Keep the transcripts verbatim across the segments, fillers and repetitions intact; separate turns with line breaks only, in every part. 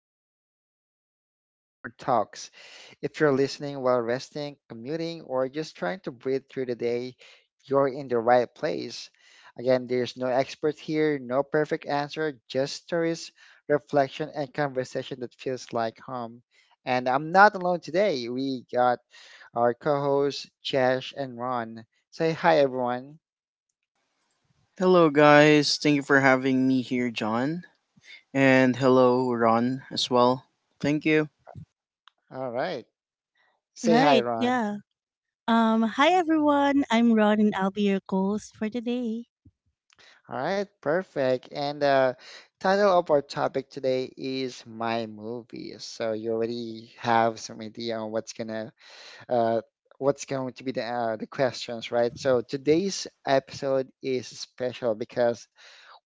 back to Popcorn, Popcorn Talks. If you're listening while resting, commuting, or just trying to breathe through the day, you're in the right place. Again, there's no expert here, no perfect answer, just stories, reflection, and conversation that feels like home. And I'm not alone today. We got our co-hosts, Chesh and Ron. Say hi, everyone.
Hello, guys. Thank you for having me here, John. And hello, Ron, as well. Thank you.
All right. Say hi,
Right,
Ron.
yeah. Um, hi everyone. I'm Ron and I'll be your host for today.
All right, perfect. And the title of our topic today is My Movies. So you already have some idea on what's gonna uh what's going to be the uh, the questions, right? So today's episode is special because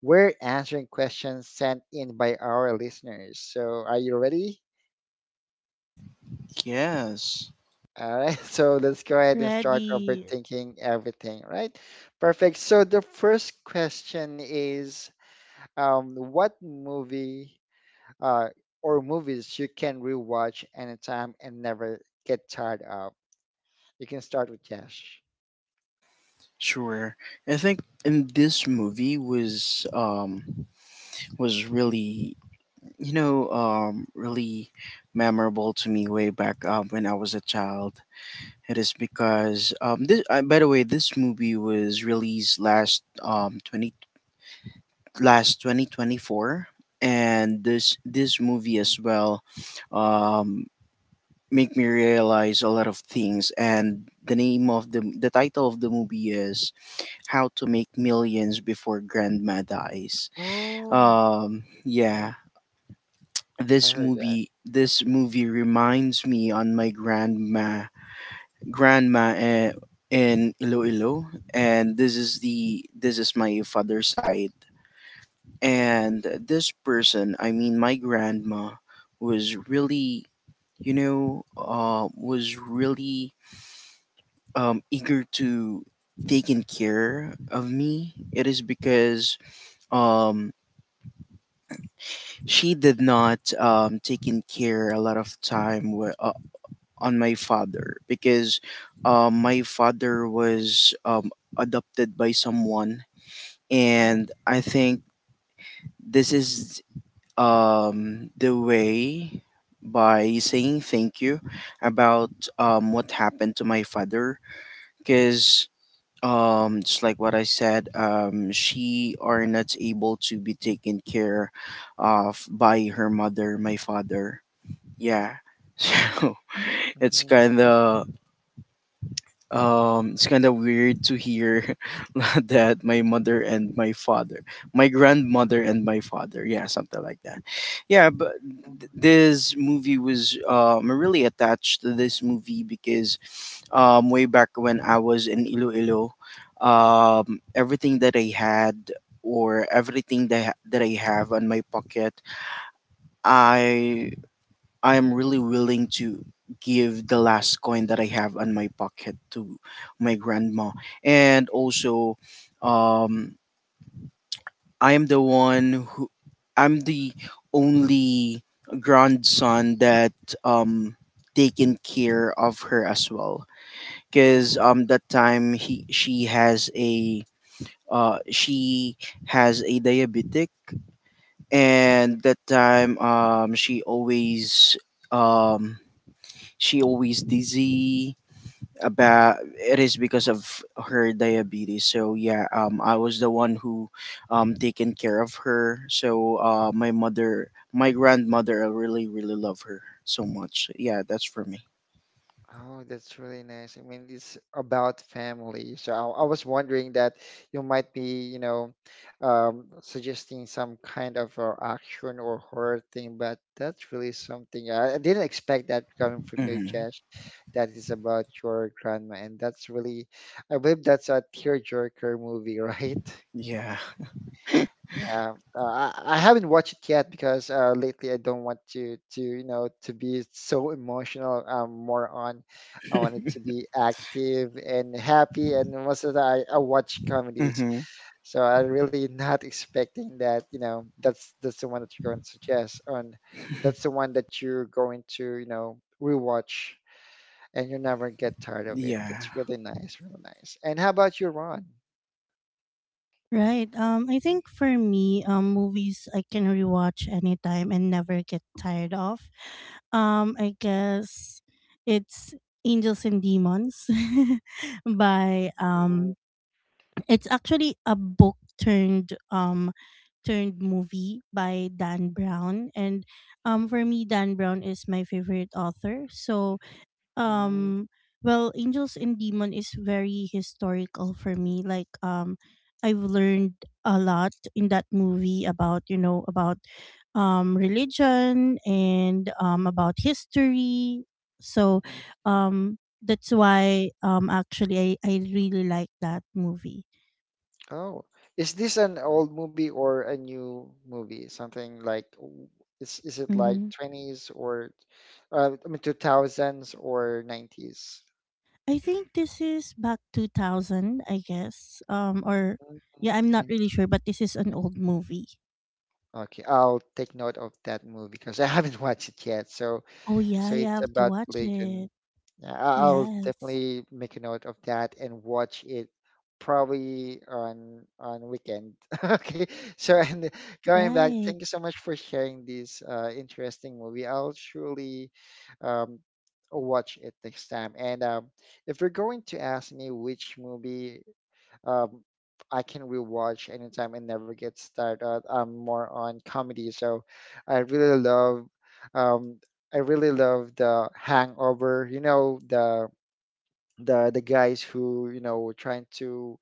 we're answering questions sent in by our listeners. So are you ready?
Yes,
All right, so let's go ahead and start
Ready.
overthinking everything, right? Perfect. So the first question is um, what movie uh, or movies you can rewatch anytime and never get tired of. You can start with Yash.
sure. I think in this movie was um was really you know um really memorable to me way back um, when I was a child. It is because um this uh, by the way this movie was released last um twenty last twenty twenty four, and this this movie as well um make me realize a lot of things. And the name of the the title of the movie is How to Make Millions Before Grandma Dies.
Oh.
Um
Yeah,
yeah,
I
this
heard that.
movie this movie reminds me on my grandma, grandma eh, in Iloilo. And this is the this is my father's side.
Mm.
And this person, I mean my grandma, was really you know uh was really um, eager to taking care of me. It is because um she did not um taking care a lot of time w- uh, on my father, because um my father was um adopted by someone.
Oh.
And I think this is um the way by saying thank you about um what happened to my father, because um just like what I said, um she are not able to be taken care of by her mother, my father. Yeah. So it's
Mm-hmm.
kind of um it's kind of weird to hear that my
Mm-hmm.
mother and my father, my grandmother and my father, yeah, something like that. Yeah, but
Mm-hmm.
th- this movie was um really attached to this movie because um way back when I was in Iloilo, um everything that I had, or everything that, I ha- that I have on my pocket, i I am really willing to give the last coin that I have on my pocket to my grandma. And also, um, I am the one who I'm the only grandson that um taken care of her as well. Cause
Oh.
um that time he she has a uh she has a diabetic. And that time um she always um she always dizzy
Mm.
about, it is because of her diabetes. So yeah, um I was the one who um taken care of her. So uh my mother my grandmother, I really really love her so much. Yeah, that's for me.
Oh, that's really nice. I mean, it's about family. So I, I was wondering that you might be, you know, um, suggesting some kind of uh, action or horror thing, but that's really something. I, I didn't expect that coming from you,
Mm-hmm.
Josh. That is about your grandma, and that's really, I believe that's a tearjerker movie, right?
Yeah.
Yeah, uh, I, I haven't watched it yet because uh, lately I don't want to to you know to be so emotional. Um, more on I want it to be active and happy, and most of the I, I watch comedies,
Mm-hmm.
so I really not expecting that. You know, that's that's the one that you're going to suggest, on. that's the one that you're going to you know rewatch, and you'll never get tired of it.
Yeah.
That's really nice, really nice. And how about you, Ron?
Right. Um, I think for me, um, movies I can rewatch anytime and never get tired of. Um, I guess it's Angels and Demons by
Mm.
um it's actually a book turned um turned movie by Dan Brown, and um for me Dan Brown is my favorite author. So
Mm.
um well, angels and demon is very historical for me, like um I've learned a lot in that movie about you know about um religion and um about history. So
Mm.
um that's why um actually i, I really like that movie.
Oh, is this an old movie or a new movie? Something like w- is is it like
Hmm,
twenties or uh, I mean two thousands or nineties?
I think this is back two thousand I guess, um or
Mm.
yeah, I'm not
Okay.
really sure, but this is an old movie.
Okay, I'll take note of that movie because I haven't watched it yet. So
Oh yeah,
so
you
it's
have to
about
watch it.
religion. Yeah, I- I'll
Yes,
definitely make a note of that and watch it probably on on weekend. Okay. So and going back,
right.
thank you so much for sharing this uh, interesting movie. I'll surely um, watch it next time. And um, if you're going to ask me which movie um, I can rewatch anytime and never get tired. Uh, I'm more on comedy, so I really love, um, I really love the Hangover. You know the the the guys who you know were trying to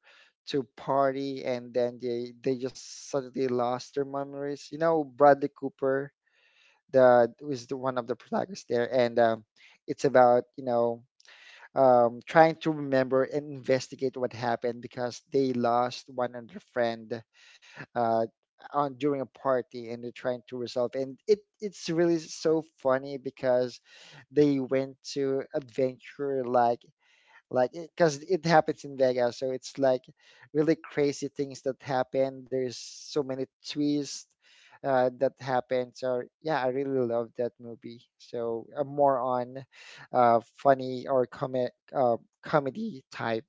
to party and then they they just suddenly lost their memories. You know Bradley Cooper, the was the one of the protagonists there, and um, it's about you know um, trying to remember and investigate what happened because they lost one of their friend uh, on during a party and they're trying to resolve and it it's really so funny because they went to adventure like like because it, 'cause it happens in Vegas, so it's like really crazy things that happen. There's so many twists uh, that happen. So yeah, I really love that movie. So I'm more on uh, funny or comic uh, comedy type.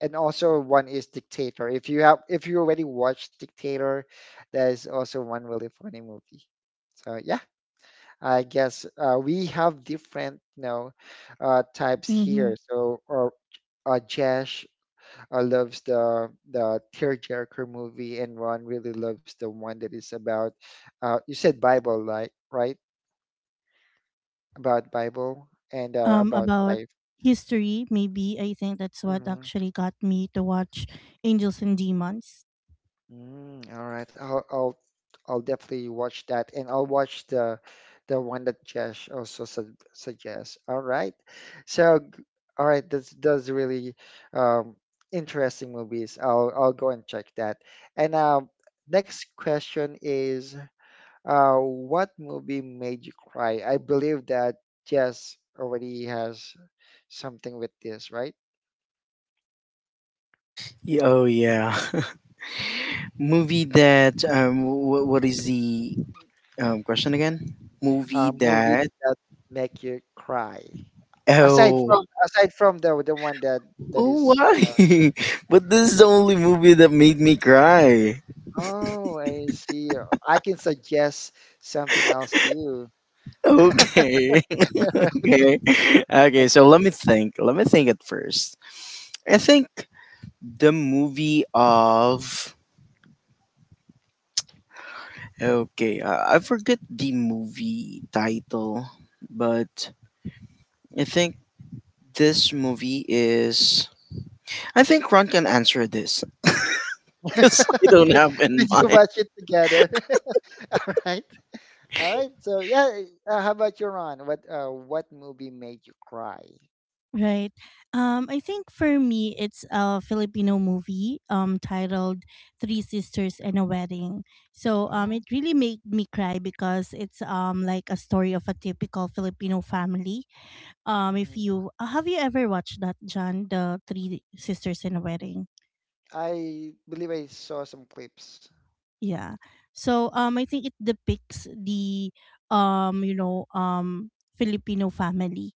And also one is Dictator. If you have, if you already watched Dictator, that is also one really funny movie. So yeah, I guess uh, we have different, you know, uh, types
Mm-hmm.
here. So or uh, Jesh uh, loves the the tearjerker movie, and Ron really loves the one that is about, uh, you said Bible, like right about Bible and uh,
Um,
about
about
life.
history, maybe I think that's what
Mm-hmm.
actually got me to watch Angels and Demons.
Mm, all right, I'll I'll I'll definitely watch that, and I'll watch the the one that Josh also su suggests. All right, so g- all right, that's that's really um, interesting movies. I'll I'll go and check that. And um, next question is. Uh, what movie made you cry? I believe that Jess already has something with this, right?
Y- oh, yeah. Movie that um wh- what is the um question again? Movie
Uh, movie
that
that make you cry. Aside
Oh.
from aside from the the one that that
Oh,
is.
why? But this is the only movie that made me cry.
Oh, I see. I can suggest something else to you.
Okay. Okay. Okay, so
Okay.
let me think. Let me think at first. I think the movie of. Okay, I, I forget the movie title, but I think this movie is. I think Ron can answer this because I don't
Okay.
have in
Did you
mind.
watch it together? All right. All right. So yeah. Uh, how about you, Ron? What uh, what movie made you cry?
Right. Um, I think for me, it's a Filipino movie um titled Three Sisters and a Wedding. So um,
Oh.
it really made me cry because it's um like a story of a typical Filipino family. Um, if you have you ever watched that, John, the Three Sisters and a Wedding?
I believe I saw some clips.
Yeah. So um I think it depicts the um you know um Filipino family.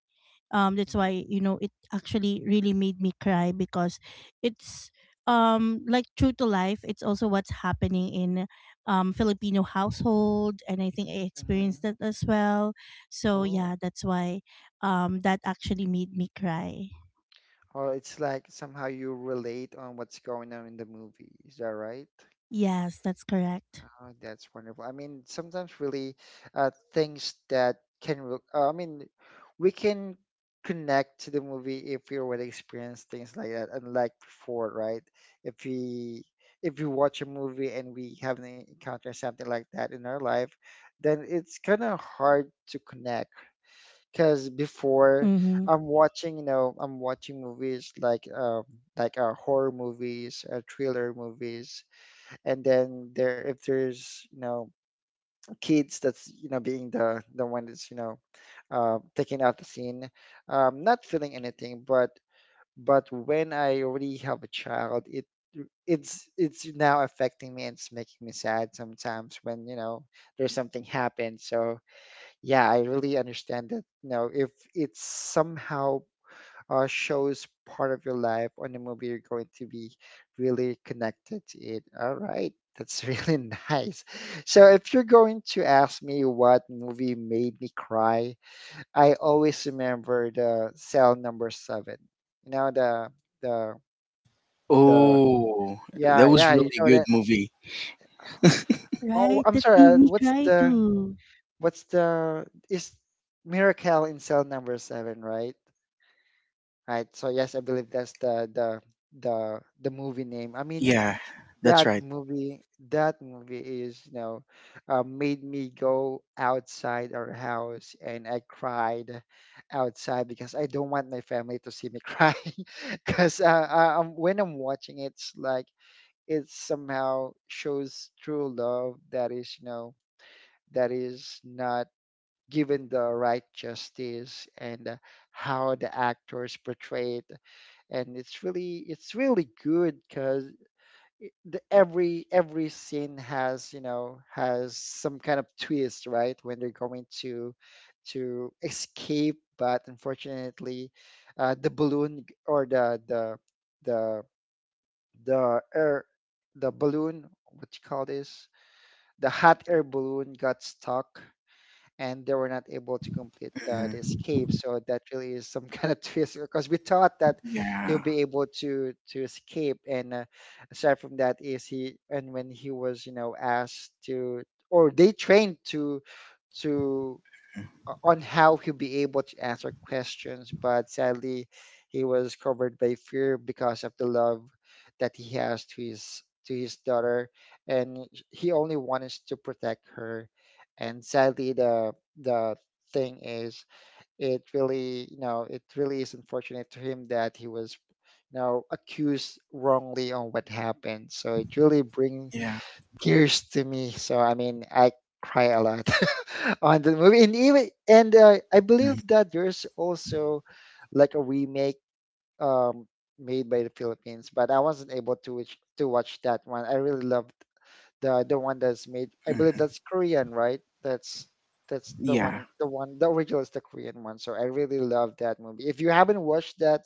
Um, that's why you know it actually really made me cry because it's um like true to life. It's also what's happening in um Filipino household, and I think I
Mm-hmm.
experienced that as well. So
Oh,
yeah, that's why um that actually made me cry.
or it's like somehow you relate on what's going on in the movie. Is that right?
Yes, that's correct.
Oh, that's wonderful. I mean, sometimes really uh, things that can, re- uh, I mean, we can connect to the movie if we already experienced things like that, unlike before, right? If we if we watch a movie and we haven't encountered something like that in our life, then it's kind of hard to connect because before
Mhm.
I'm watching, you know, I'm watching movies like um like uh, horror movies, uh, thriller movies, and then there if there's you know kids that's you know being the the one that's you know uh, taking out the scene, um, not feeling anything, but but when I already have a child, it it's it's now affecting me and it's making me sad sometimes when you know there's something happens. So yeah, I really understand that. You know, if it somehow uh, shows part of your life on the movie, you're going to be really connected to it. All right, that's really nice. So, if you're going to ask me what movie made me cry, I always remember the Cell Number Seven. You know the the the
Oh, that
yeah
was
yeah you
really
know
good
that.
movie.
Oh,
Right,
I'm
that made
sorry. Uh,
me
what's
cry
the
too.
what's the is Miracle in Cell Number Seven, right? Right. So yes, I believe that's the the the the movie name. I mean,
Yeah, that's
that
right.
movie that movie is, you know, uh, made me go outside our house and I cried outside because I don't want my family to see me cry. Because uh, I, I'm, when I'm watching it, it's like it somehow shows true love that is, you know, that is not given the right justice and uh, how the actors portray it and it's really it's really good because the, every every scene has you know has some kind of twist right when they're going to to escape but unfortunately uh, the balloon g- or the the the the air the balloon what you call this the hot air balloon got stuck and they were not able to complete uh, the
Hmm.
escape. So that really is some kind of twist because we thought that
Yeah,
he'll be able to to escape. And uh, aside from that, is he and when he was you know asked to or they trained to to o- on how he'll be able to answer questions, but sadly, he was covered by fear because of the love that he has to his to his daughter, and he only wants to protect her. And sadly, the the thing is, it really you know it really is unfortunate to him that he was you know accused wrongly on what happened. So it really bring
yeah.
tears to me. So I mean, I cry a lot on the movie, and even and uh, I believe
Mhm.
that there's also like a remake um, made by the Philippines, but I wasn't able to watch, to watch that one. I really loved the the one that's made. I believe
Mhm.
that's Korean, right? That's that's the
Yeah,
one the one the original is the Korean one. So I really love that movie. If you haven't watched that,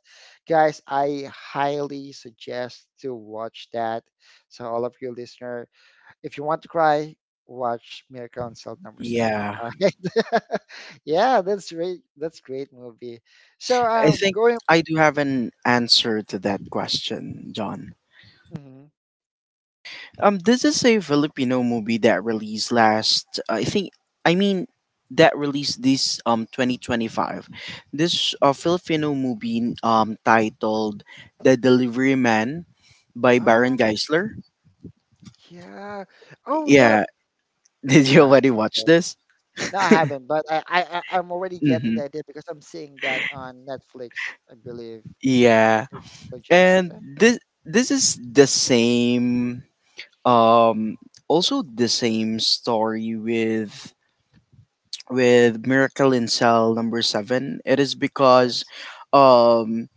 guys, I highly suggest to watch that. So all of you listeners if you want to cry, watch Miracle on Cell Number Seven.
yeah.
All right. yeah, that's great. That's great movie. So
I
um,
think
going.
I do have an answer to that question, John.
Mhm.
Um, this is a Filipino movie that released last. I think. I mean, that released this um twenty twenty five. This uh, Filipino movie um titled "The Delivery Man" by Baron
Oh
Geisler.
yeah. Oh yeah.
Yeah. Did you
Got it.
already watch
Got it.
this?
No, I haven't, but I, I I- I'm already getting
Mm-hmm.
the idea because I'm seeing that on Netflix. I believe
Yeah,
it suggests
and
that
this this is the same. Um, Also the same story with with Miracle in Cell Number Seven. It is because
yes.
um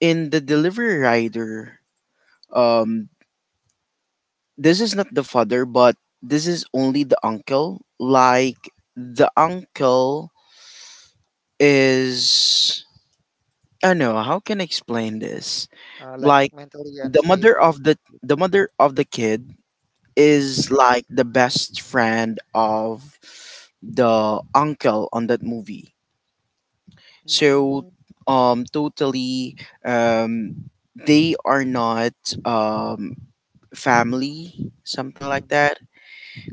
in the Delivery Rider, um this is not the father, but this is only the uncle. Like
Mm,
the uncle is, I don't know, how can I explain this?
uh, like
Like
mentally
the mother
unstable.
of the the mother of the kid is
Mm-hmm.
like the best friend of the uncle on that movie. So, um, totally, um, they are not um family, something like
Mm-hmm.
that.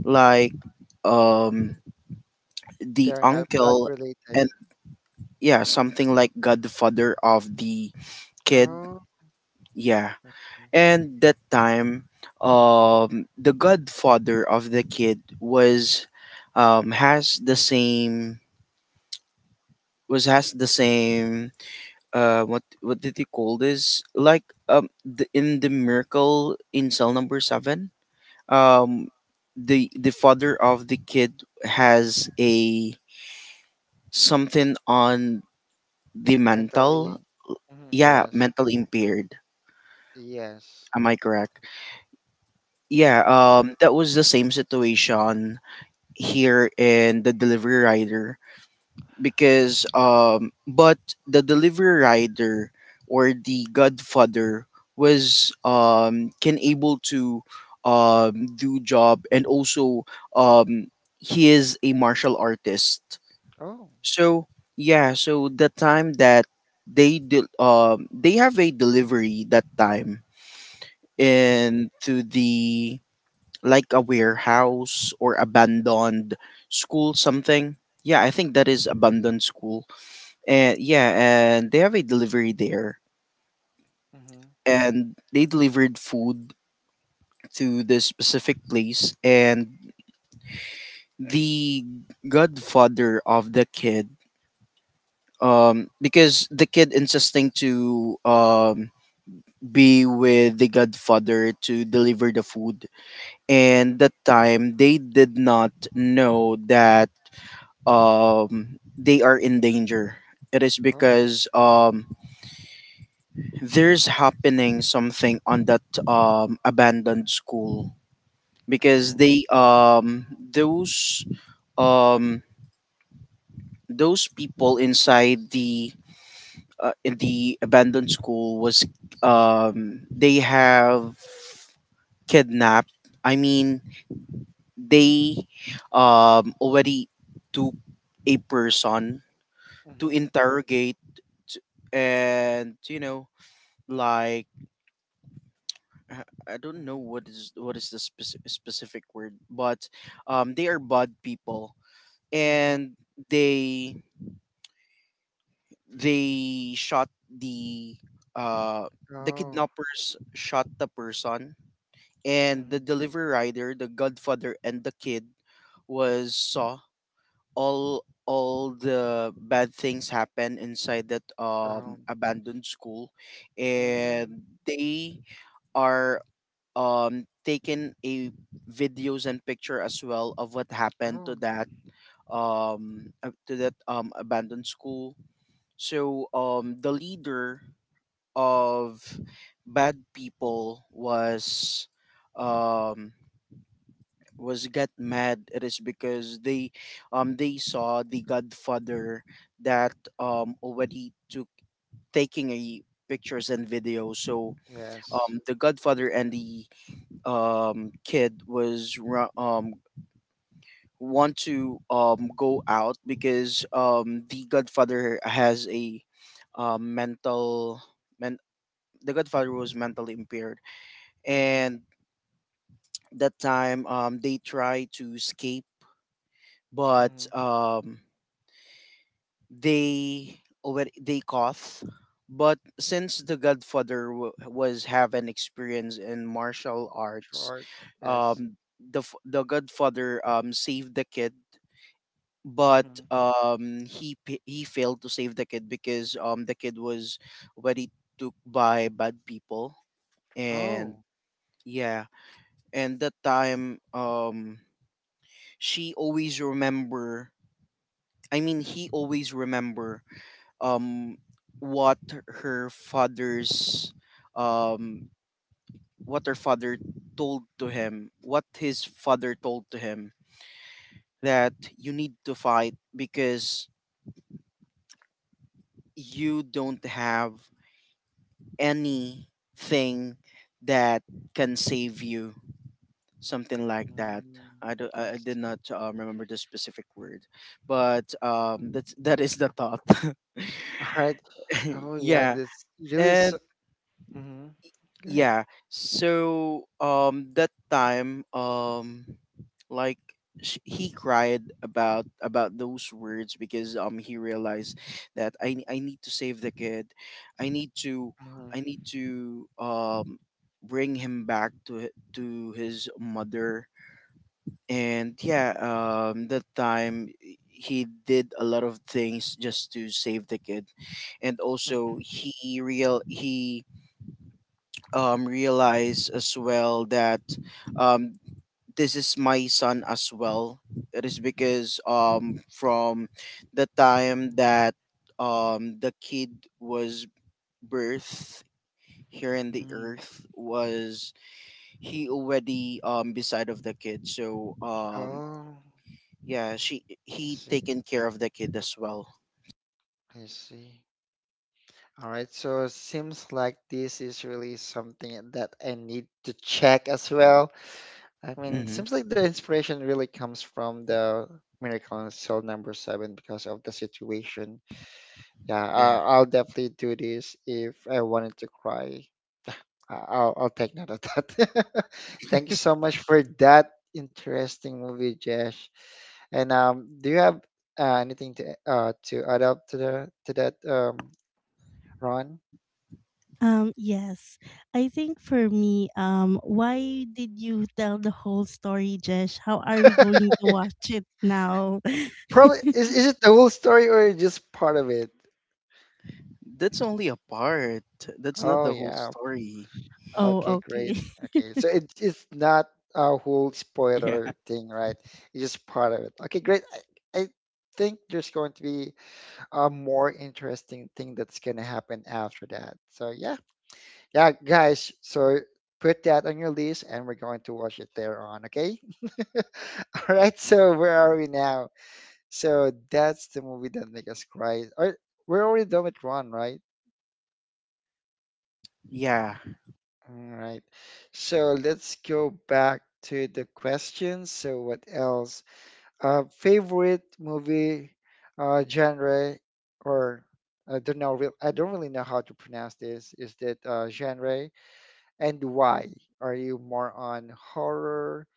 Like, um, the
They're not blood
uncle
related.
and yeah, something like godfather of the kid.
Oh.
Yeah,
Mm-hmm.
and that time, um, the godfather of the kid was, um, has the same was has the same uh what what did he call this, like um the, in the Miracle in Cell Number Seven, um the the father of the kid has a something on the
Mentally.
mental,
Hmm.
yeah,
Yes,
mental impaired,
yes.
am I correct? Yeah,
Mm-hmm.
um that was the same situation here in the delivery rider, because um but the delivery rider or the godfather was um can able to um do job, and also um he is a martial artist.
Oh.
So yeah, so the time that they de- um they have a delivery that time
Mm-hmm.
into the like a warehouse or abandoned school, something. Yeah, I think that is abandoned school. And yeah, and they have a delivery there,
Mm-hmm.
and they delivered food to this specific place. And the godfather of the kid, um because the kid insisting to um be with the godfather to deliver the food, and
Mm-hmm.
that time they did not know that um they are in danger. It is
Oh.
because um there's happening something on that um abandoned school, because
Oh.
they um those um those people inside the uh, in the abandoned school was, um they have kidnapped, I mean they um already took a person to
Mm-hmm.
interrogate. And you know like I I don't know
Mm-hmm.
what is what is the spec- specific word, but um, they are bad people.
Mm-hmm.
And they they shot the uh the
Oh.
kidnappers shot the person, and the
Mm-hmm.
delivery rider, the godfather, and the kid was saw all all the bad things happen inside that um
Um.
abandoned school.
Mm.
And they are um taken a videos and picture as well of what happened to
Oh.
that um ab- to that um abandoned school. So um the leader of bad people was um was get mad. It is because they um they saw the godfather that um already took taking a pictures and videos. So
Yes.
um the godfather and the um kid was ru- um want to um go out, because um the godfather has a um mental, men- the godfather was mentally impaired.
Mm-hmm.
And that time um they try to escape,
Mm-hmm.
but um they already they caught. But since the godfather w- was have an experience in martial arts,
Short. Yes.
um the f- the godfather um saved the kid. But
Mm-hmm.
um he p- he failed to save the kid because um the kid was already took by bad people.
Oh.
And yeah, and that time um she always remember I mean he always remember, um what her father's um what her father told to him, what his father told to him, that you need to fight because you don't have anything that can save you, something like that.
Mm.
I do I I
I
did not
see.
um, remember the specific word, but
Mhm.
um that's that is the thought.
All right. Oh yeah.
Yeah,
This really. S
and
Mm-hmm. Good.
yeah, so um that time um like sh- he cried about about those words because um he realized that i i need to save the kid, I need to
Mm-hmm.
i need to um bring him back to hi- to his mother. And yeah, um that time he did a lot of things just to save the kid. And also
Mm-hmm.
he real he um, realize as well that, um, this is my son as well. It is because um, from the time that um, the kid was birthed here in the
Mm-hmm.
earth was, he already um beside of the kid. So um
Oh.
yeah, she
I
he
see.
taken care of the kid as well.
I see. All right, so it seems like this is really something that I need to check as well. I mean,
Mm-hmm.
seems like the inspiration really comes from the Miracle on Cell number seven because of the situation. Yeah,
Yeah,
I, I'll definitely do this if I wanted to cry. I, I'll, I'll take note of that. Thank you so much for that interesting movie, Josh. And um, do you have uh, anything to uh, to add up to the to that um, Ron?
Um, yes. I think for me, um, why did you tell the whole story, Jesh? How are we going to watch it now?
Probably is is it the whole story or just part of it?
that's only a part, that's not
Oh
the whole
yeah.
story.
Oh,
Okay, great.
okay.
Okay, so it it's not a whole
Yeah.
spoiler thing, right? It's just part of it. Okay, great. I, I think there's going to be a more interesting thing that's gonna happen after that. So yeah, yeah, guys. So put that on your list, and we're going to watch it there on. Okay. All right. So where are we now? So that's the movie that make us cry. Or we're already done with Ron, right?
Yeah.
All right. So let's go back to the questions. So what else? Uh, favorite movie uh, genre or I don't know. real- I don't really know how to pronounce this. Is that uh, genre and why? Are you more on horror?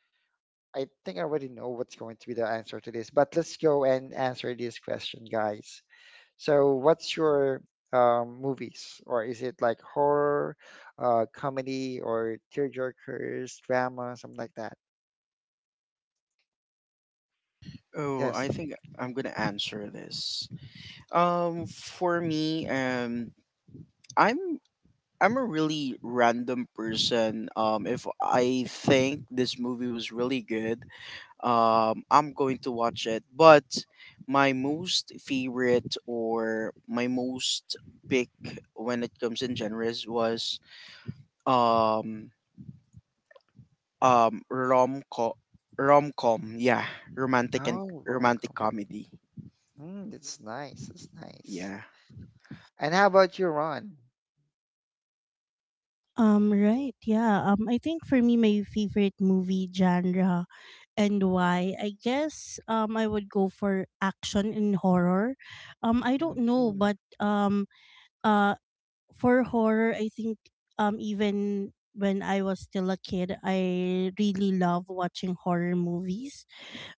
I think I already know what's going to be the answer to this, but let's go and answer this question, guys. So, what's your um, movies, or is it like horror, uh, comedy, or tearjerkers, drama, something like that?
Oh,
Yes.
I think I'm gonna answer this. Um, for me, um, I'm I'm a really random person. Um, if I think this movie was really good, um, I'm going to watch it. But my most favorite, or my most pick when it comes in genres was um um rom com rom com. Yeah, romantic, and
Oh,
romantic
rom-com.
comedy.
Mm, that's nice. That's nice.
Yeah,
And how about you, Ron?
Um, right, yeah. Um, I think for me, my favorite movie genre and why, I guess, um, I would go for action and horror. Um, I don't know,
Mm-hmm.
but um, uh, for horror, I think, um, even when I was still a kid, I really love watching horror movies,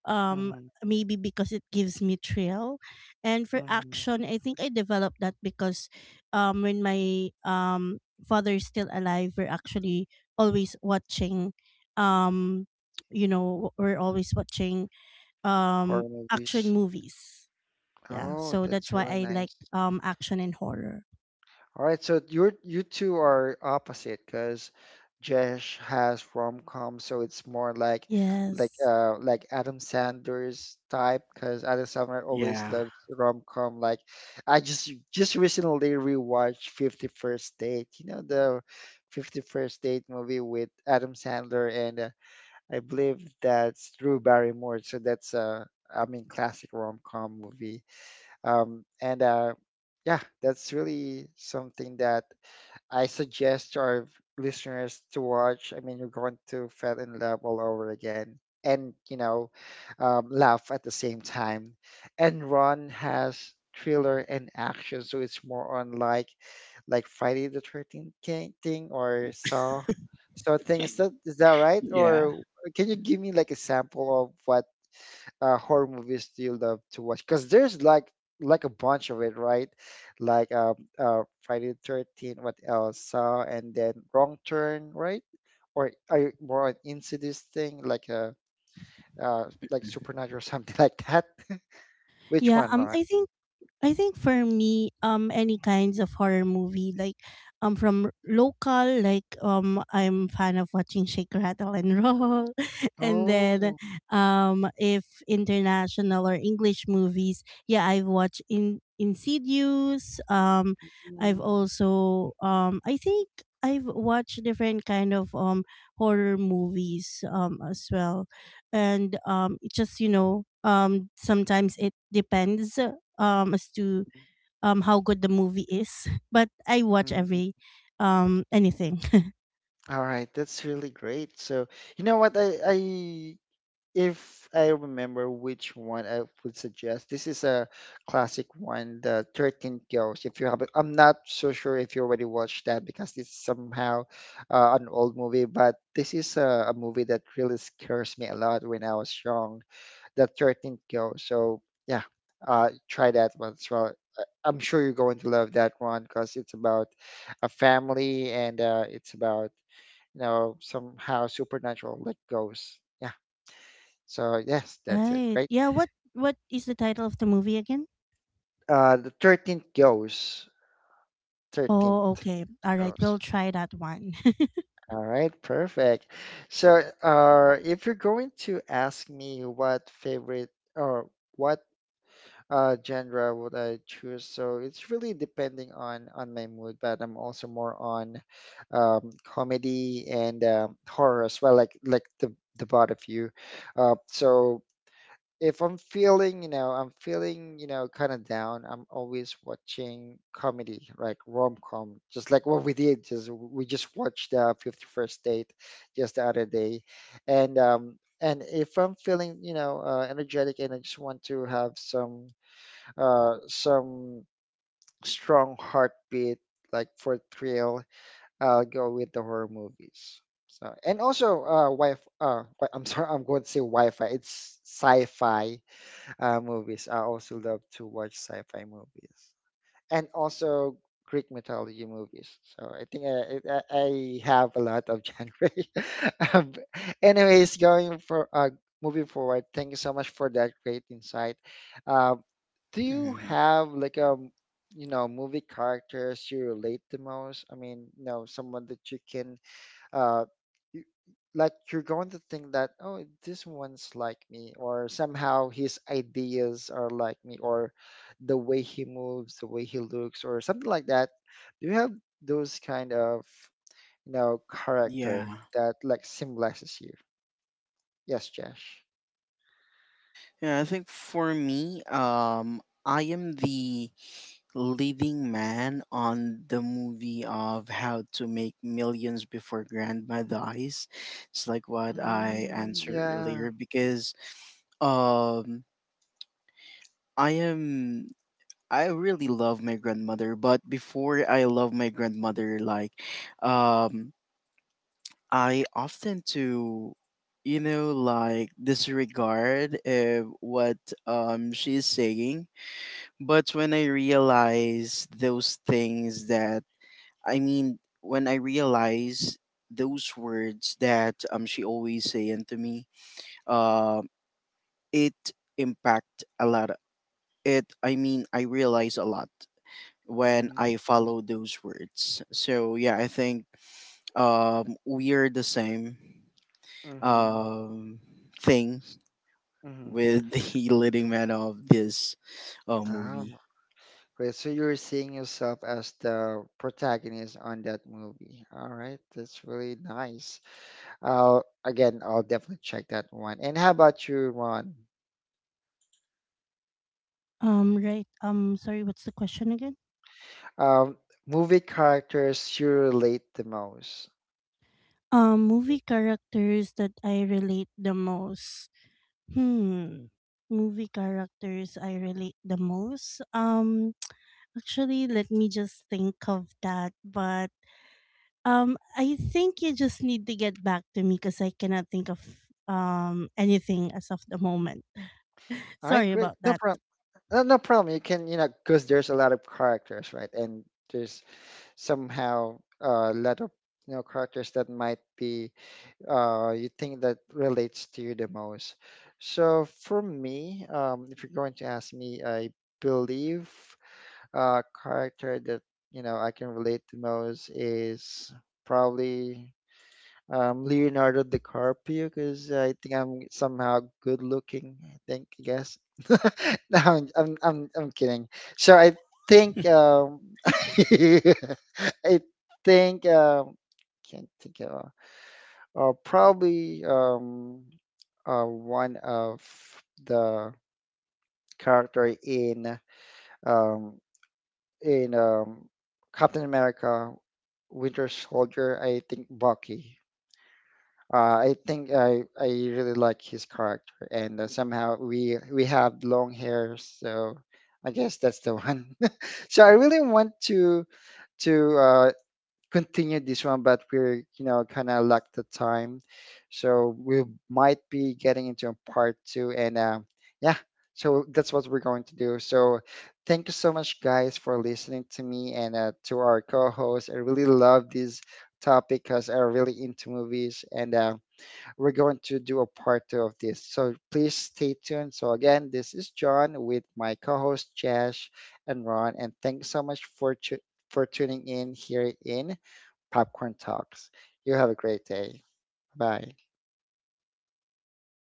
um
Mm-hmm.
maybe because it gives me thrill. And for
Hmm.
action, I think I developed that because um when my um father is still alive, we're actually always watching um you know we're always watching um
Horror
action
movies.
movies. Yeah,
Oh,
so that's
that's
why
really
I like
nice.
um action and horror.
All right, so you're you two are opposite because Jesh has rom-com, so it's more like like
Yes.
uh like Adam Sandler's type because Adam Sandler always
yeah,
loves rom-com. Like I just just recently rewatched Fifty First Date, you know the Fifty First Date movie with Adam Sandler and uh, I believe that's Drew Barrymore, so that's uh I mean classic rom-com movie. Um, and uh, yeah, that's really something that I suggest to our listeners to watch. I mean, you're going to fall in love all over again and, you know, um, laugh at the same time. And Ron has thriller and action, so it's more on like like Friday the thirteenth thing or Saw Saw thing. Is that is that right?
yeah.
Or can you give me like a sample of what uh, horror movies do you love to watch? Because there's like like a bunch of it, right? Like um, uh, Friday the Thirteenth, what else? Saw, and then Wrong Turn, right? Or are you more into this thing, like a uh, uh, like Supernatural or something like that? Which
yeah
one,
um
Ron?
i think I think for me, um, any kinds of horror movie, like, um, from local, like, um, I'm fan of watching Shake, Rattle, and Roll, and then,
Oh.
um, if international or English movies, yeah, I've watched in Insidious. Um, I've
Mm.
also, um, I think I've watched different kind of um horror movies um as well, and um, it just you know um sometimes it depends um as to um how good the movie is. But I watch
Mhm.
every um anything.
All right, that's really great. So you know what? I I If I remember which one I would suggest, this is a classic one, the thirteen Ghosts. If you haven't, I'm not so sure if you already watched that because it's somehow uh, an old movie, but this is a, a movie that really scares me a lot when I was young, the thirteen Ghosts. So, yeah, uh, try that one as well. Uh, I'm sure you're going to love that one because it's about a family and uh, it's about, you know, somehow supernatural, like ghosts. Yeah. So yes, that's it,
Right.
right?
Yeah, what what is the title of the movie again?
Uh, the thirteenth goes.
Oh,
Thirteenth
okay. All right,
goes.
we'll try that one.
All right, perfect. So, uh, if you're going to ask me what favorite or what uh genre would I choose, so it's really depending on on my mood, but I'm also more on um comedy and um horror as well, like like the the both of you. Uh, so if I'm feeling, you know, I'm feeling, you know, kind of down, I'm always watching comedy, like rom-com, just like what we did. Just we just watched uh, fifty-first Date just the other day, and um, and if I'm feeling, you know, uh, energetic and I just want to have some uh some strong heartbeat, like for thrill, I'll go with the horror movies. So and also uh, wi uh, wi- I'm sorry, I'm going to say Wi-Fi. It's sci-fi uh, movies. I also love to watch sci-fi movies and also Greek mythology movies. So I think I I, I have a lot of genre. um, Anyways, going for uh, moving forward. Thank you so much for that great insight. Um, do you
Mhm.
have like a you know movie characters you relate the most? I mean, you know, someone that you can uh, you, like you're going to think that, oh, this one's like me or somehow his ideas are like me or the way he moves, the way he looks or something like that. Do you have those kind of you know
Yeah.
character that like symbolizes you? Yes, Josh.
Yeah, I think for me, um, I am the leading man on the movie of How to Make Millions Before Grandma Dies. It's like what I
Mm,
answered
yeah.
earlier because um I am I really love my grandmother, but before I love my grandmother, like um I often to you know like disregard uh, what um she's saying. But when I realize those things that, I mean, when I realize those words that um she always saying to me, uh, it impact a lot. It I mean, I realize a lot when I
Mm-hmm.
follow those words. So yeah, I think um we are the same um thing
Mm-hmm.
with the leading man of this uh,
Oh.
movie.
Right, so you're seeing yourself as the protagonist on that movie. All right, that's really nice. I'll again, I'll definitely check that one. And how about you, Ron?
Um right. Um, sorry, what's the question again?
Um, Movie characters you relate the most.
Um, movie characters that I relate the most. Hmm. Movie characters I relate the most. Um, actually let me just think of that, but Um, I think you just need to get back to me because I cannot think of um anything as of the moment.
All right,
Sorry
great.
about
No
that.
problem. No, no problem. You can, you know, because there's a lot of characters, right? And there's somehow uh, a lot of, you know, characters that might be uh, you think that relates to you the most. So for me, um, if you're going to ask me, I believe uh, character that you know I can relate the most is probably um, Leonardo DiCaprio because I think I'm somehow good looking. I think I guess. No, I'm, I'm I'm I'm kidding. So I think, um, I think um, can't think of. Uh, probably um, uh, one of the character in um, in um, Captain America Winter Soldier. I think Bucky. Uh, I think I, I really like his character, and uh, somehow we we have long hair, so I guess that's the one. So I really want to to uh, continue this one, but we're, you know, kind of lack the time. So we might be getting into a part two. And uh, yeah, so that's what we're going to do. So thank you so much, guys, for listening to me and uh, to our co host. I really love this topic because I'm really into movies. And uh, we're going to do a part two of this. So please stay tuned. So again, this is John with my co host, Josh and Ron. And thanks so much for. Tu- for tuning in here in Popcorn Talks. You have a great day. Bye.